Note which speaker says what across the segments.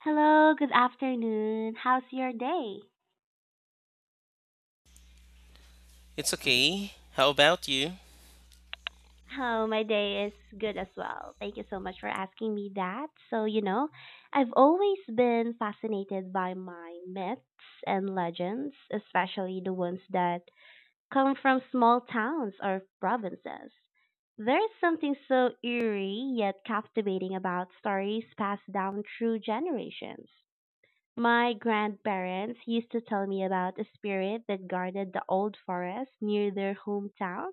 Speaker 1: Hello, good afternoon. How's your day?
Speaker 2: It's okay. How about you?
Speaker 1: Oh, my day is good as well. Thank you so much for asking me that. So, you know, I've always been fascinated by my myths and legends, especially the ones that come from small towns or provinces. There is something so eerie yet captivating about stories passed down through generations. My grandparents used to tell me about a spirit that guarded the old forest near their hometown,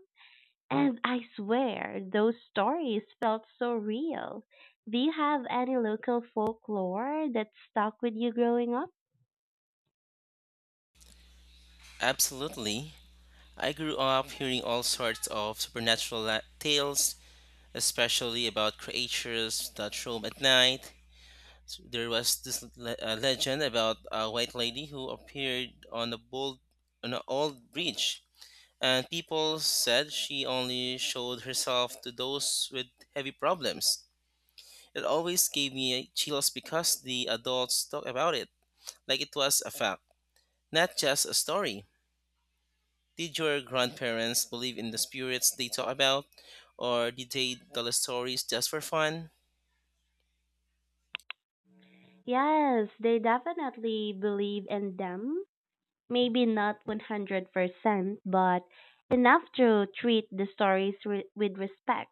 Speaker 1: and I swear those stories felt so real. Do you have any local folklore that stuck with you growing up?
Speaker 2: Absolutely. I grew up hearing all sorts of supernatural tales, especially about creatures that roam at night. There was this legend about a white lady who appeared on on an old bridge, and people said she only showed herself to those with heavy problems. It always gave me chills because the adults talk about it like it was a fact, not just a story. Did your grandparents believe in the spirits they talk about, or did they tell the stories just for fun?
Speaker 1: Yes, they definitely believe in them. Maybe not 100%, but enough to treat the with respect.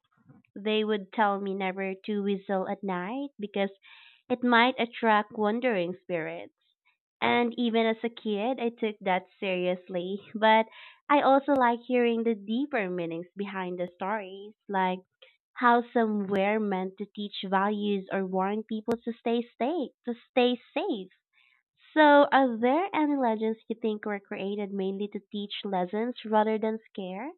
Speaker 1: They would tell me never to whistle at night because it might attract wandering spirits. And even as a kid, I took that seriously. But I also like hearing the deeper meanings behind the stories, like how some were meant to teach values or warn people to stay safe, So, are there any legends you think were created mainly to teach lessons rather than scare?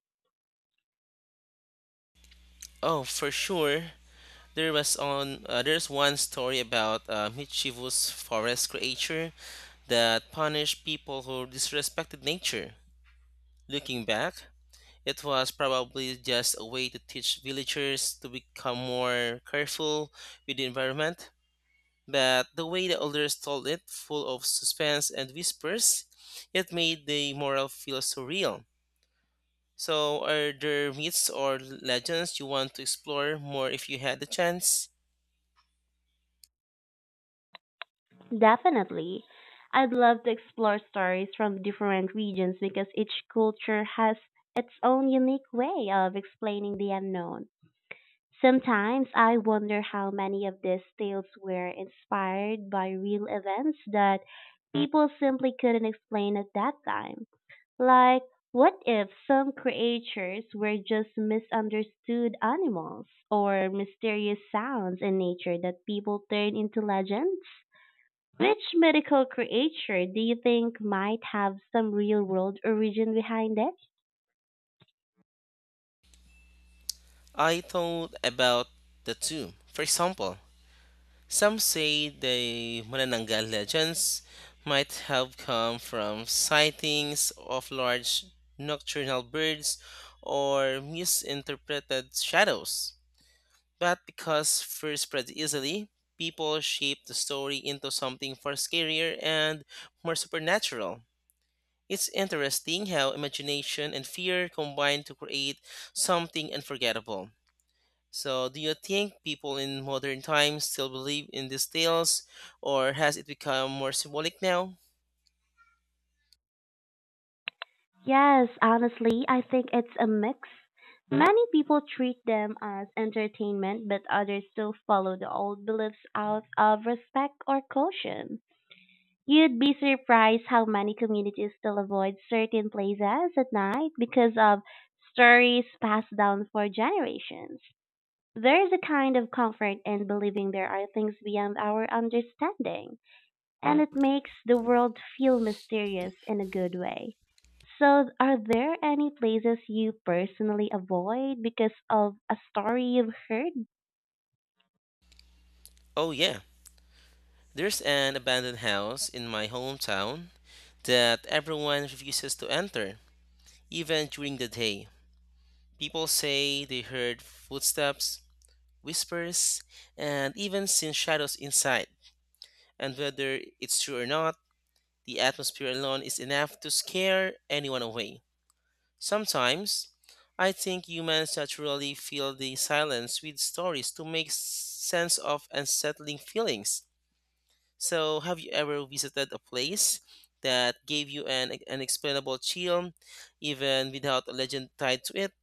Speaker 2: Oh, for sure. There was on there's one story about a mischievous forest creature that punished people who disrespected nature. Looking back, it was probably just a way to teach villagers to become more careful with the environment. But the way the elders told it, full of suspense and whispers, it made the moral feel surreal. So, are there myths or legends you want to explore more if you had the chance?
Speaker 1: Definitely. I'd love to explore stories from different regions because each culture has its own unique way of explaining the unknown. Sometimes I wonder how many of these tales were inspired by real events that people simply couldn't explain at that time. Like, what if some creatures were just misunderstood animals or mysterious sounds in nature that people turned into legends? Which mythical creature do you think might have some real world origin behind it?
Speaker 2: I thought about the two. For example, some say the Manananggal legends might have come from sightings of large nocturnal birds or misinterpreted shadows. But because fear spreads easily, people shape the story into something far scarier and more supernatural. It's interesting how imagination and fear combine to create something unforgettable. So, do you think people in modern times still believe in these tales, or has it become more symbolic now?
Speaker 1: Yes, honestly, I think it's a mix. Many people treat them as entertainment, but others still follow the old beliefs out of respect or caution. You'd be surprised how many communities still avoid certain places at night because of stories passed down for generations. There is a kind of comfort in believing there are things beyond our understanding, and it makes the world feel mysterious in a good way. So, are there any places you personally avoid because of a story you've heard?
Speaker 2: Oh, yeah. There's an abandoned house in my hometown that everyone refuses to enter, even during the day. People say they heard footsteps, whispers, and even seen shadows inside. And whether it's true or not, the atmosphere alone is enough to scare anyone away. Sometimes, I think humans naturally fill the silence with stories to make sense of unsettling feelings. So, have you ever visited a place that gave you an unexplainable chill, even without a legend tied to it?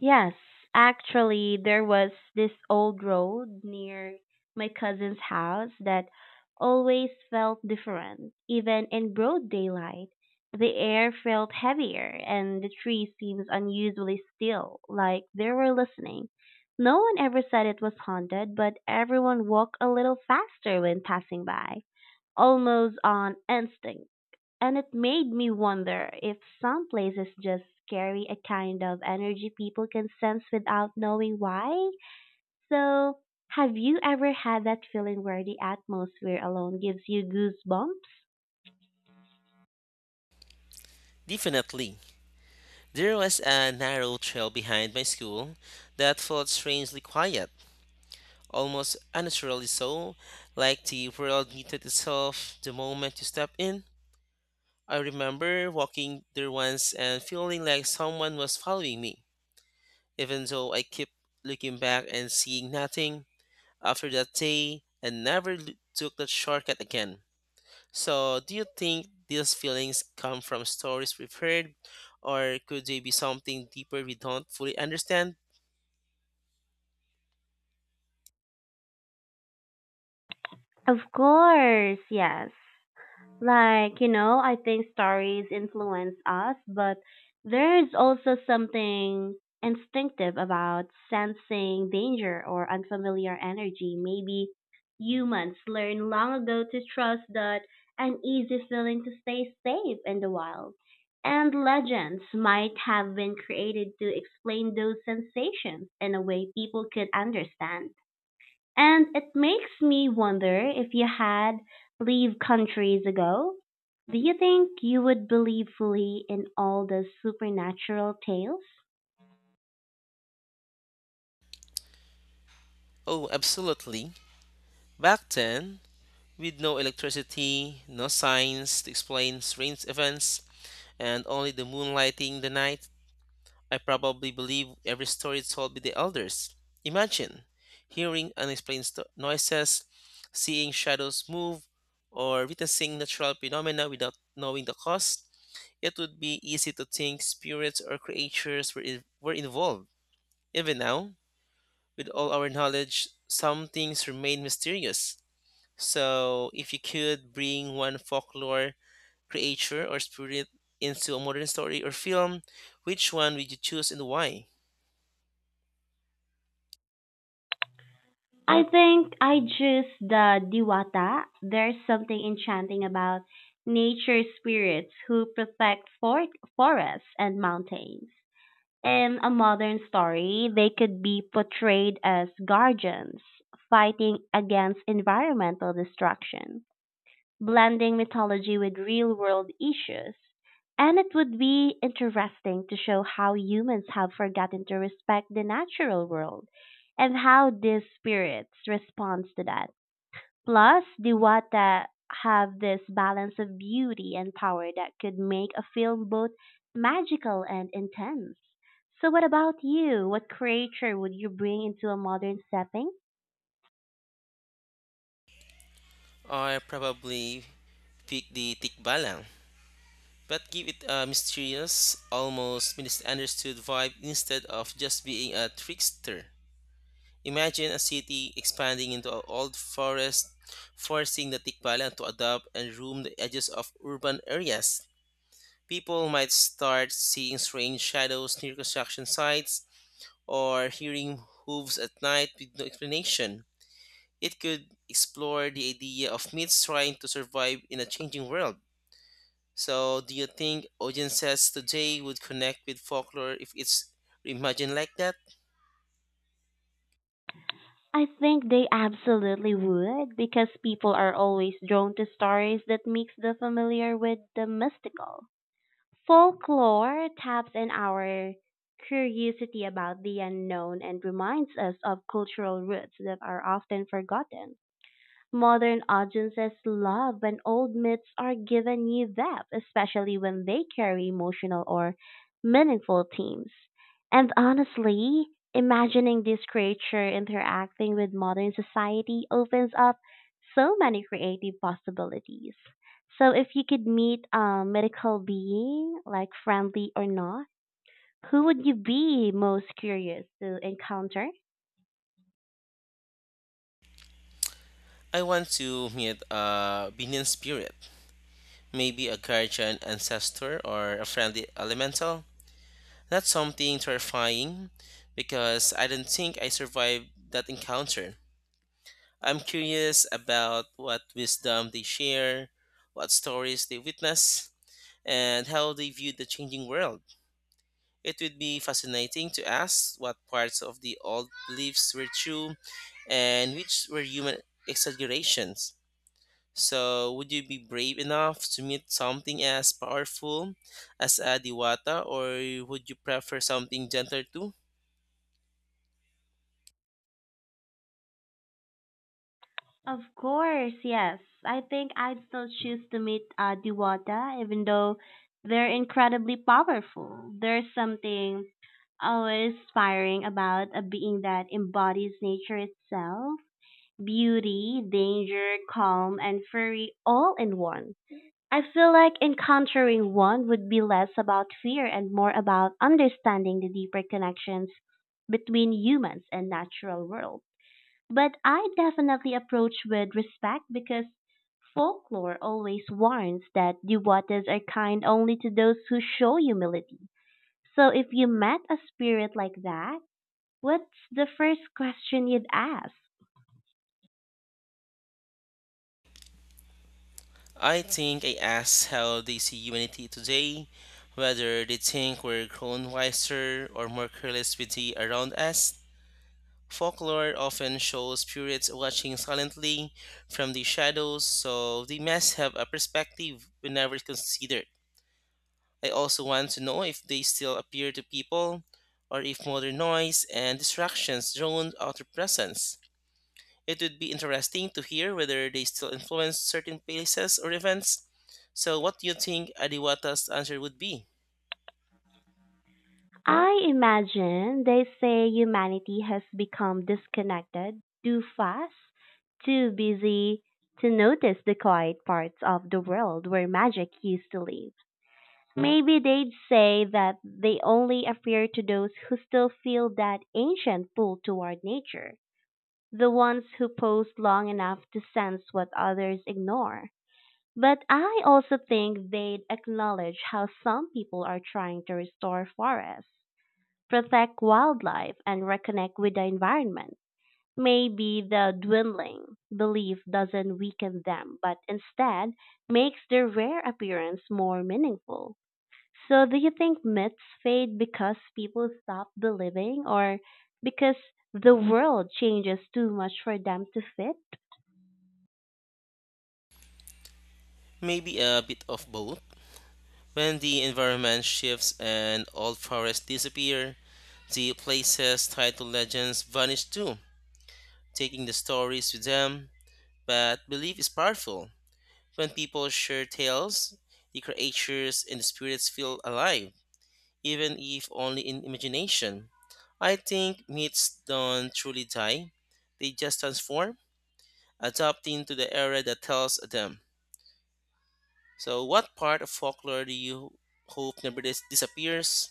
Speaker 1: Yes, actually, there was this old road near my cousin's house that always felt different. Even in broad daylight, the air felt heavier and the trees seemed unusually still, like they were listening. No one ever said it was haunted, but everyone walked a little faster when passing by, almost on instinct. And it made me wonder if some places just carry a kind of energy people can sense without knowing why. So, have you ever had that feeling where the atmosphere alone gives you goosebumps?
Speaker 2: Definitely. There was a narrow trail behind my school that felt strangely quiet, almost unnaturally so, like the world muted itself the moment you stepped in. I remember walking there once and feeling like someone was following me, even though I kept looking back and seeing nothing. After that day, I never took that shortcut again. So, do you think these feelings come from stories we've heard, or could they be something deeper we don't fully understand?
Speaker 1: Of course, yes. Like, you know, I think stories influence us, but there's also something instinctive about sensing danger or unfamiliar energy. Maybe humans learned long ago to trust that uneasy feeling to stay safe in the wild. And legends might have been created to explain those sensations in a way people could understand. And it makes me wonder if you had lived countries ago, do you think you would believe fully in all the supernatural tales?
Speaker 2: Oh, absolutely. Back then, with no electricity, no signs to explain strange events, and only the moonlighting the night, I probably believe every story told by the elders. Imagine hearing unexplained noises, seeing shadows move, or witnessing natural phenomena without knowing the cause. It would be easy to think spirits or creatures were involved. Even now, with all our knowledge, some things remain mysterious. So, if you could bring one folklore creature or spirit into a modern story or film, which one would you choose and why?
Speaker 1: I think I just the diwata. There's something enchanting about nature spirits who protect forests and mountains. In a modern story, they could be portrayed as guardians fighting against environmental destruction, blending mythology with real world issues. And it would be interesting to show how humans have forgotten to respect the natural world and how these spirits respond to that. Plus, the Wata have this balance of beauty and power that could make a film both magical and intense. So, what about you? What creature would you bring into a modern setting?
Speaker 2: I probably pick the Tikbalang, but give it a mysterious, almost misunderstood vibe instead of just being a trickster. Imagine a city expanding into an old forest, forcing the Tikbalang to adapt and roam the edges of urban areas. People might start seeing strange shadows near construction sites or hearing hooves at night with no explanation. It could explore the idea of myths trying to survive in a changing world. So, do you think audiences today would connect with folklore if it's reimagined like that?
Speaker 1: I think they absolutely would because people are always drawn to stories that mix the familiar with the mystical. Folklore taps in our curiosity about the unknown and reminds us of cultural roots that are often forgotten. Modern audiences love when old myths are given new depth, especially when they carry emotional or meaningful themes. And honestly, imagining this creature interacting with modern society opens up so many creative possibilities. So, if you could meet a mythical being, like friendly or not, who would you be most curious to encounter?
Speaker 2: I want to meet a Binion spirit, maybe a guardian ancestor or a friendly elemental. That's something terrifying because I don't think I survived that encounter. I'm curious about what wisdom they share, what stories they witness, and how they view the changing world. It would be fascinating to ask what parts of the old beliefs were true and which were human exaggerations. So, would you be brave enough to meet something as powerful as a Diwata, or would you prefer something gentler too?
Speaker 1: Of course, yes. I think I'd still choose to meet Diwata, even though they're incredibly powerful. There's something always inspiring about a being that embodies nature itself, beauty, danger, calm, and fury all in one. I feel like encountering one would be less about fear and more about understanding the deeper connections between humans and natural world. But I definitely approach with respect because folklore always warns that devotees are kind only to those who show humility. So if you met a spirit like that, what's the first question you'd ask?
Speaker 2: I think I asked how they see humanity today, whether they think we're grown wiser or more careless with the around us. Folklore often shows spirits watching silently from the shadows, so they must have a perspective we never considered. I also want to know if they still appear to people, or if modern noise and distractions drown out their presence. It would be interesting to hear whether they still influence certain places or events. So, what do you think Adiwata's answer would be?
Speaker 1: I imagine they say humanity has become disconnected, too fast, too busy to notice the quiet parts of the world where magic used to live. Maybe they'd say that they only appear to those who still feel that ancient pull toward nature, the ones who pause long enough to sense what others ignore. But I also think they'd acknowledge how some people are trying to restore forests, protect wildlife, and reconnect with the environment. Maybe the dwindling belief doesn't weaken them, but instead makes their rare appearance more meaningful. So, do you think myths fade because people stop believing or because the world changes too much for them to fit?
Speaker 2: Maybe a bit of both. When the environment shifts and old forests disappear, the places tied to legends vanish too, taking the stories with them. But belief is powerful. When people share tales, the creatures and the spirits feel alive, even if only in imagination. I think myths don't truly die, they just transform, adapting to the era that tells them. So, what part of folklore do you hope never disappears,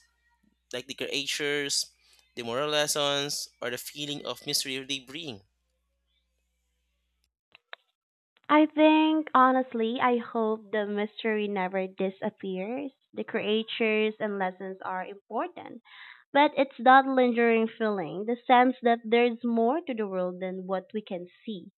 Speaker 2: like the creatures, the moral lessons, or the feeling of mystery they bring?
Speaker 1: I think, honestly, I hope the mystery never disappears. The creatures and lessons are important, but it's that lingering feeling, the sense that there's more to the world than what we can see,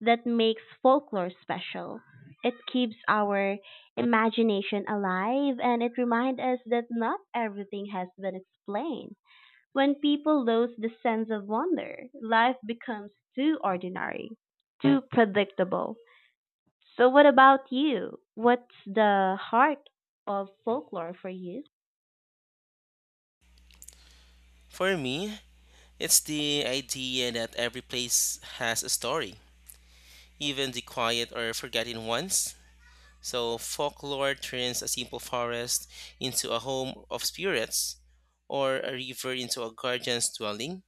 Speaker 1: that makes folklore special. It keeps our imagination alive and it reminds us that not everything has been explained. When people lose the sense of wonder, life becomes too ordinary, too predictable. So, what about you? What's the heart of folklore for you?
Speaker 2: For me, it's the idea that every place has a story, even the quiet or forgotten ones. So folklore turns a simple forest into a home of spirits, or a river into a guardian's dwelling,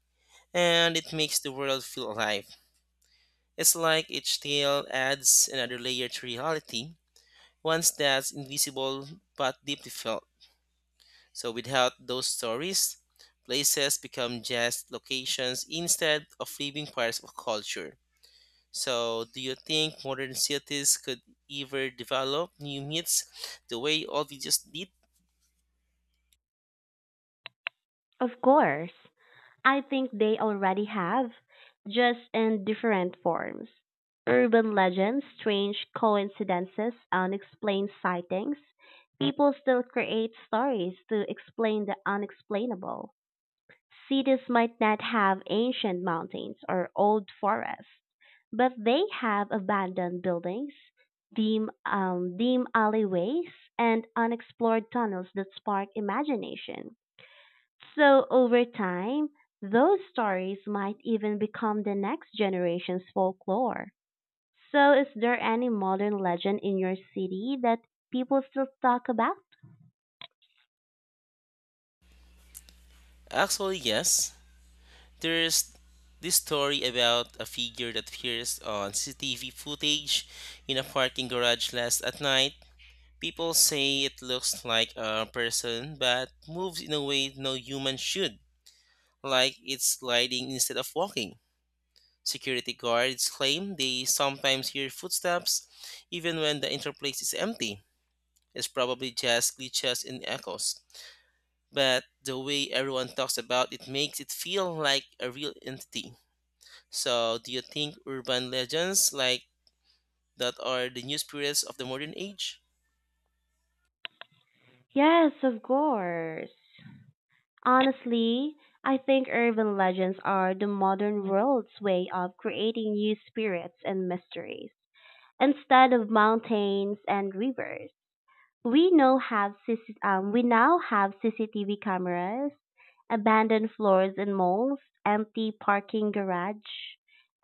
Speaker 2: and it makes the world feel alive. It's like each tale adds another layer to reality, one that's invisible but deeply felt. So without those stories, places become just locations instead of living parts of culture. So do you think modern cities could ever develop new myths the way old just did?
Speaker 1: Of course. I think they already have, just in different forms. Urban legends, strange coincidences, unexplained sightings. People still create stories to explain the unexplainable. Cities might not have ancient mountains or old forests, but they have abandoned buildings, dim alleyways, and unexplored tunnels that spark imagination. So over time, those stories might even become the next generation's folklore. So is there any modern legend in your city that people still talk about?
Speaker 2: Actually, yes. There's this story about a figure that appears on CCTV footage in a parking garage last at night. People say it looks like a person but moves in a way no human should, like it's gliding instead of walking. Security guards claim they sometimes hear footsteps even when the interplace is empty. It's probably just glitches and echoes, but the way everyone talks about it makes it feel like a real entity. So, do you think urban legends like that are the new spirits of the modern age?
Speaker 1: Yes, of course. Honestly, I think urban legends are the modern world's way of creating new spirits and mysteries. Instead of mountains and rivers, we now have CC we now have CCTV cameras, abandoned floors in malls, empty parking garage,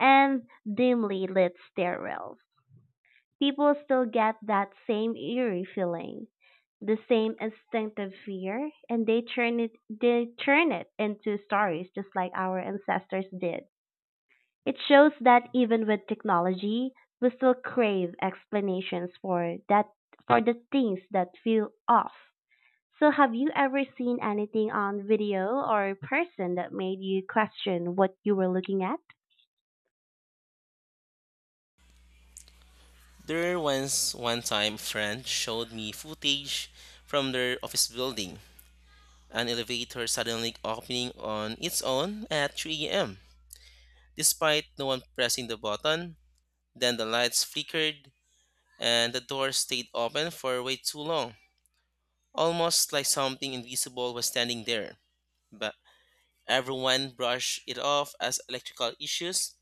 Speaker 1: and dimly lit stairwells. People still get that same eerie feeling, the same instinctive fear, and they turn it into stories just like our ancestors did. It shows that even with technology, we still crave explanations for the things that feel off. So, have you ever seen anything on video or person that made you question what you were looking at?
Speaker 2: There once one time a friend showed me footage from their office building, an elevator suddenly opening on its own at 3 a.m. Despite no one pressing the button, then the lights flickered and the door stayed open for way too long, almost like something invisible was standing there. But everyone brushed it off as electrical issues,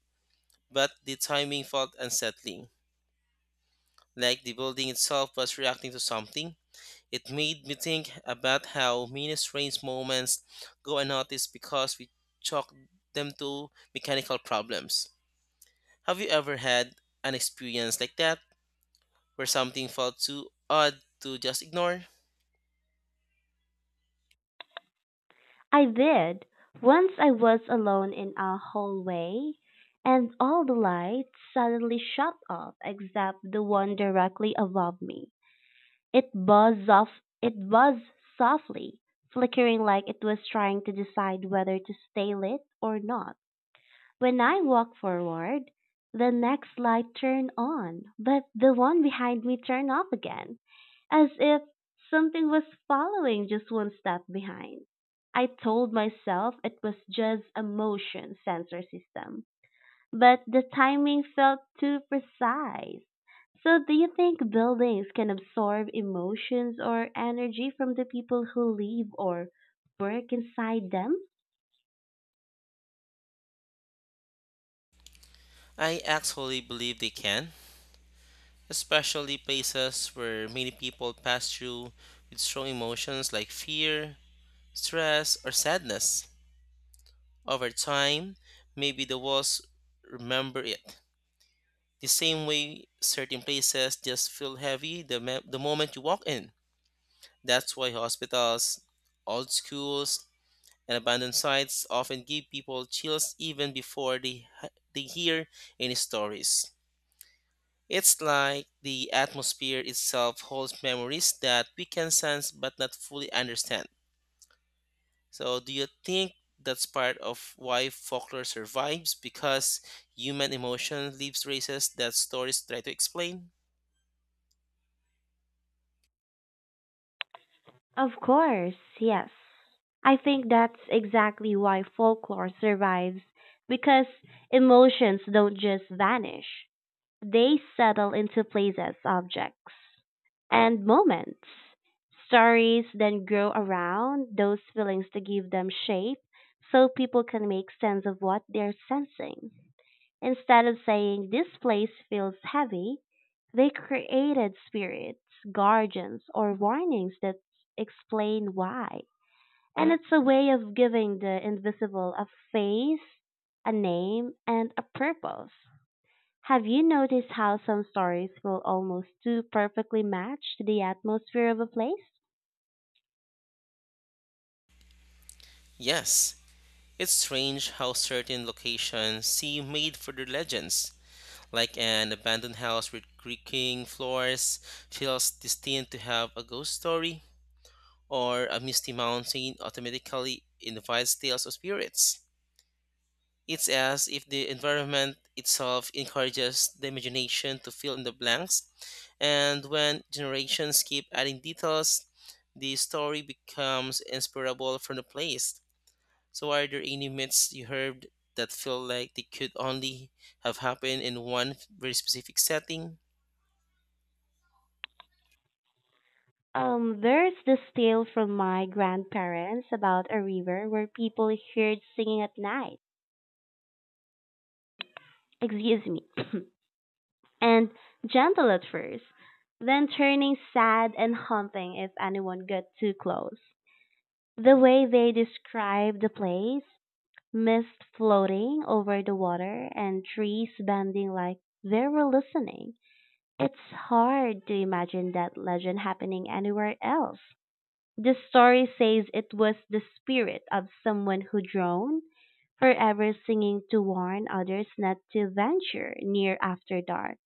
Speaker 2: but the timing felt unsettling, like the building itself was reacting to something. It made me think about how many strange moments go unnoticed because we chalk them to mechanical problems. Have you ever had an experience like that, where something felt too odd to just ignore?
Speaker 1: I did. Once I was alone in a hallway and all the lights suddenly shut off except the one directly above me. It buzzed off it buzzed softly, flickering like it was trying to decide whether to stay lit or not. When I walk forward, the next light turned on, but the one behind me turned off again, as if something was following just one step behind. I told myself it was just a motion sensor system, but the timing felt too precise. So, do you think buildings can absorb emotions or energy from the people who live or work inside them?
Speaker 2: I actually believe they can, especially places where many people pass through with strong emotions like fear, stress, or sadness. Over time, maybe the walls remember it. The same way certain places just feel heavy the moment you walk in. That's why hospitals, old schools, and abandoned sites often give people chills even before they hear any stories. It's like the atmosphere itself holds memories that we can sense but not fully understand. So, do you think that's part of why folklore survives because human emotion leaves traces that stories try to explain?
Speaker 1: Of course, yes. I think that's exactly why folklore survives because emotions don't just vanish, they settle into places, objects, and moments. Stories then grow around those feelings to give them shape so people can make sense of what they're sensing. Instead of saying, "This place feels heavy," they created spirits, guardians, or warnings that explain why. And it's a way of giving the invisible a face, a name, and a purpose. Have you noticed how some stories will almost too perfectly match the atmosphere of a place?
Speaker 2: Yes, it's strange how certain locations seem made for their legends, like an abandoned house with creaking floors, feels destined to have a ghost story, or a misty mountain automatically invites tales of spirits. It's as if the environment itself encourages the imagination to fill in the blanks, and when generations keep adding details, the story becomes inseparable from the place. So, are there any myths you heard that feel like they could only have happened in one very specific setting?
Speaker 1: There's this tale from my grandparents about a river where people heard singing at night. Excuse me. And Gentle at first, then turning sad and haunting if anyone got too close. The way they describe the place, mist floating over the water and trees bending like they were listening. It's hard to imagine that legend happening anywhere else. The story says it was the spirit of someone who drowned, forever singing to warn others not to venture near after dark,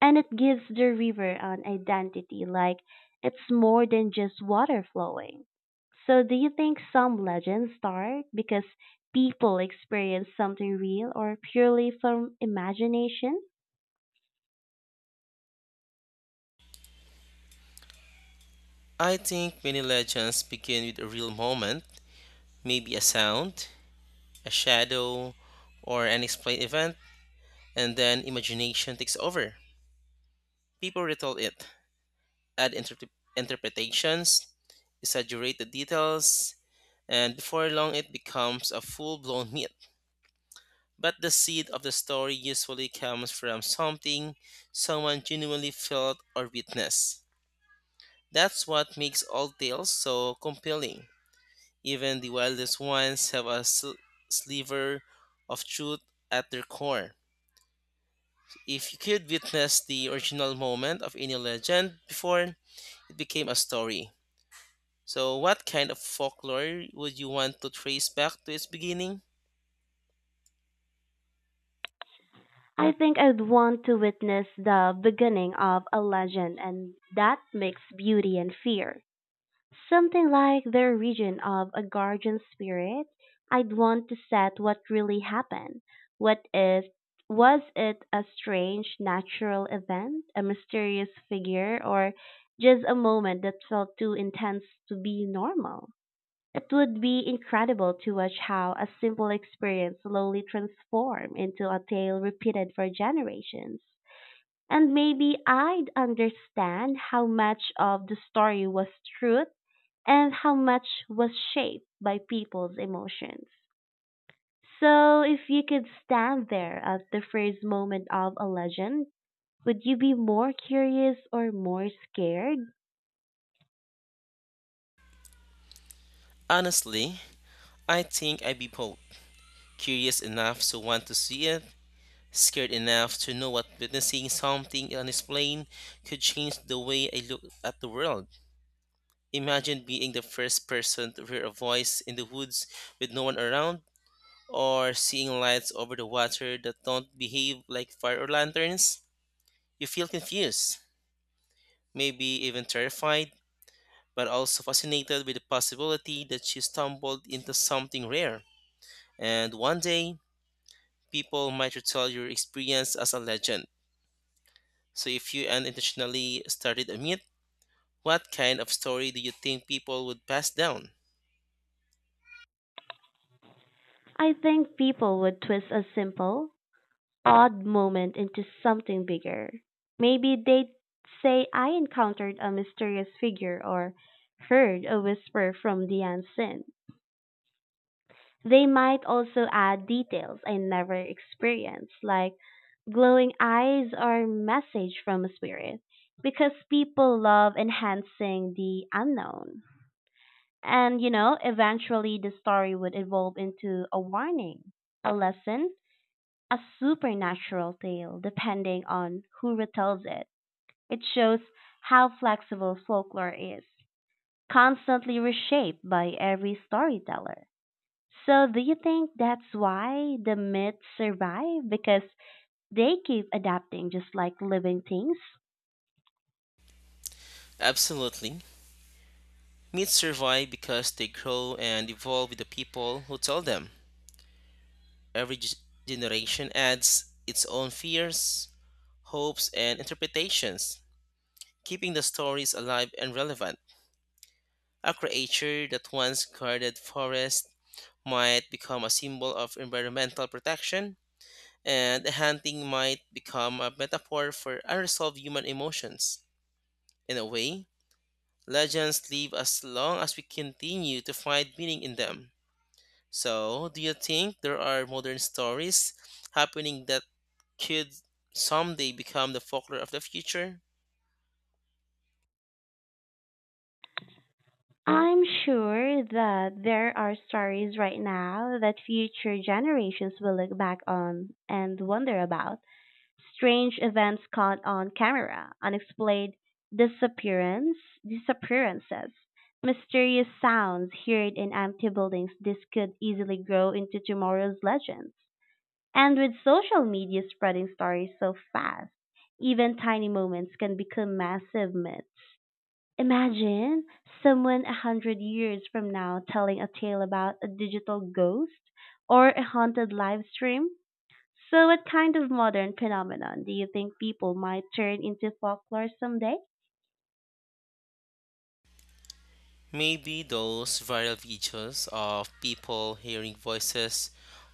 Speaker 1: and it gives the river an identity like it's more than just water flowing. So, do you think some legends start because people experience something real or purely from imagination?
Speaker 2: I think many legends begin with a real moment, maybe a sound, a shadow, or an explained event, and then imagination takes over. People retell it, add interpretations, exaggerate the details, and before long it becomes a full blown myth. But the seed of the story usually comes from something someone genuinely felt or witnessed. That's what makes all tales so compelling. Even the wildest ones have a sliver of truth at their core. If you could witness the original moment of any legend before it became a story. So, what kind of folklore would you want to trace back to its beginning?
Speaker 1: I think I'd want to witness the beginning of a legend, and that makes beauty and fear. Something like their region of a guardian spirit. I'd want to set what really happened. What is Was it a strange natural event, a mysterious figure, or just a moment that felt too intense to be normal? It would be incredible to watch how a simple experience slowly transformed into a tale repeated for generations. And maybe I'd understand how much of the story was truth and how much was shaped by people's emotions. So, if you could stand there at the first moment of a legend, would you be more curious or more scared?
Speaker 2: Honestly, I think I'd be both curious enough to want to see it, scared enough to know what witnessing something unexplained could change the way I look at the world. Imagine being the first person to hear a voice in the woods with no one around, or seeing lights over the water that don't behave like fire or lanterns. You feel confused, maybe even terrified, but also fascinated with the possibility that you stumbled into something rare. And one day, people might retell your experience as a legend. So if you unintentionally started a myth, what kind of story do you think people would pass down?
Speaker 1: I think people would twist a simple, odd moment into something bigger. Maybe they'd say, "I encountered a mysterious figure" or "heard a whisper from the unseen." They might also add details I never experienced, like glowing eyes or message from a spirit, because people love enhancing the unknown. And you know, eventually the story would evolve into a warning, a lesson, a supernatural tale, depending on who retells it. It shows how flexible folklore is, constantly reshaped by every storyteller. So do you think that's why the myths survive? Because they keep adapting just like living things?
Speaker 2: Absolutely. Myths survive because they grow and evolve with the people who tell them. Every generation adds its own fears, hopes, and interpretations, keeping the stories alive and relevant. A creature that once guarded forests might become a symbol of environmental protection, and hunting might become a metaphor for unresolved human emotions. In a way, legends live as long as we continue to find meaning in them. So, do you think there are modern stories happening that could someday become the folklore of the future?
Speaker 1: I'm sure that there are stories right now that future generations will look back on and wonder about. Strange events caught on camera, unexplained disappearance, disappearances, mysterious sounds heard in empty buildings. This could easily grow into tomorrow's legends. And with social media spreading stories so fast, even tiny moments can become massive myths. Imagine someone 100 years from now telling a tale about a digital ghost or a haunted live stream. So, what kind of modern phenomenon do you think people might turn into folklore someday?
Speaker 2: Maybe those viral videos of people hearing voices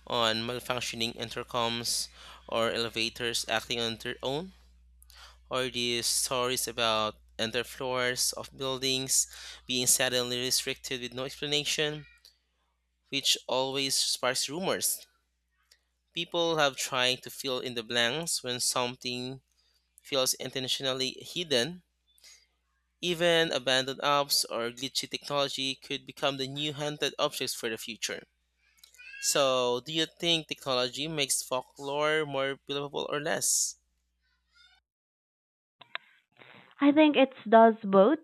Speaker 2: on malfunctioning intercoms or elevators acting on their own, or these stories about underfloors of buildings being suddenly restricted with no explanation, which always sparks rumors. People have tried to fill in the blanks when something feels intentionally hidden. Even abandoned apps or glitchy technology could become the new haunted objects for the future. So, do you think technology makes folklore more believable or less?
Speaker 1: I think it does both.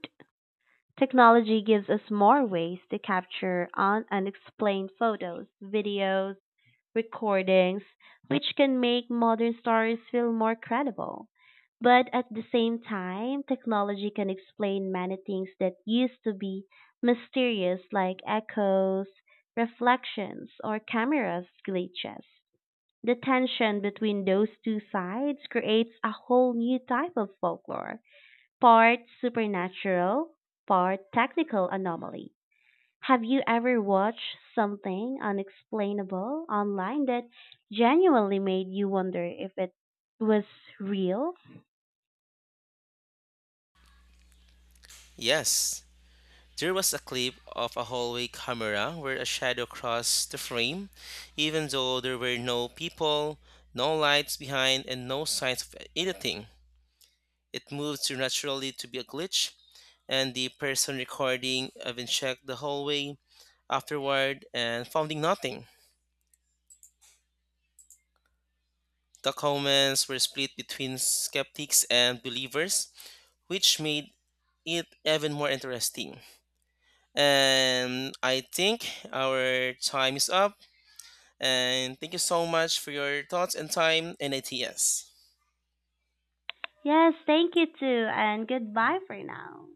Speaker 1: Technology gives us more ways to capture unexplained photos, videos, recordings, which can make modern stories feel more credible. But at the same time, technology can explain many things that used to be mysterious, like echoes, reflections, or camera glitches. The tension between those two sides creates a whole new type of folklore, part supernatural, part technical anomaly. Have you ever watched something unexplainable online that genuinely made you wonder if it was real?
Speaker 2: Yes. There was a clip of a hallway camera where a shadow crossed the frame, even though there were no people, no lights behind, and no signs of anything. It moved too naturally to be a glitch, and the person recording even checked the hallway afterward and finding nothing. The comments were split between skeptics and believers, which made it even more interesting. And I think our time is up. And thank you so much for your thoughts and time and ideas.
Speaker 1: Yes, thank you too, and goodbye for now.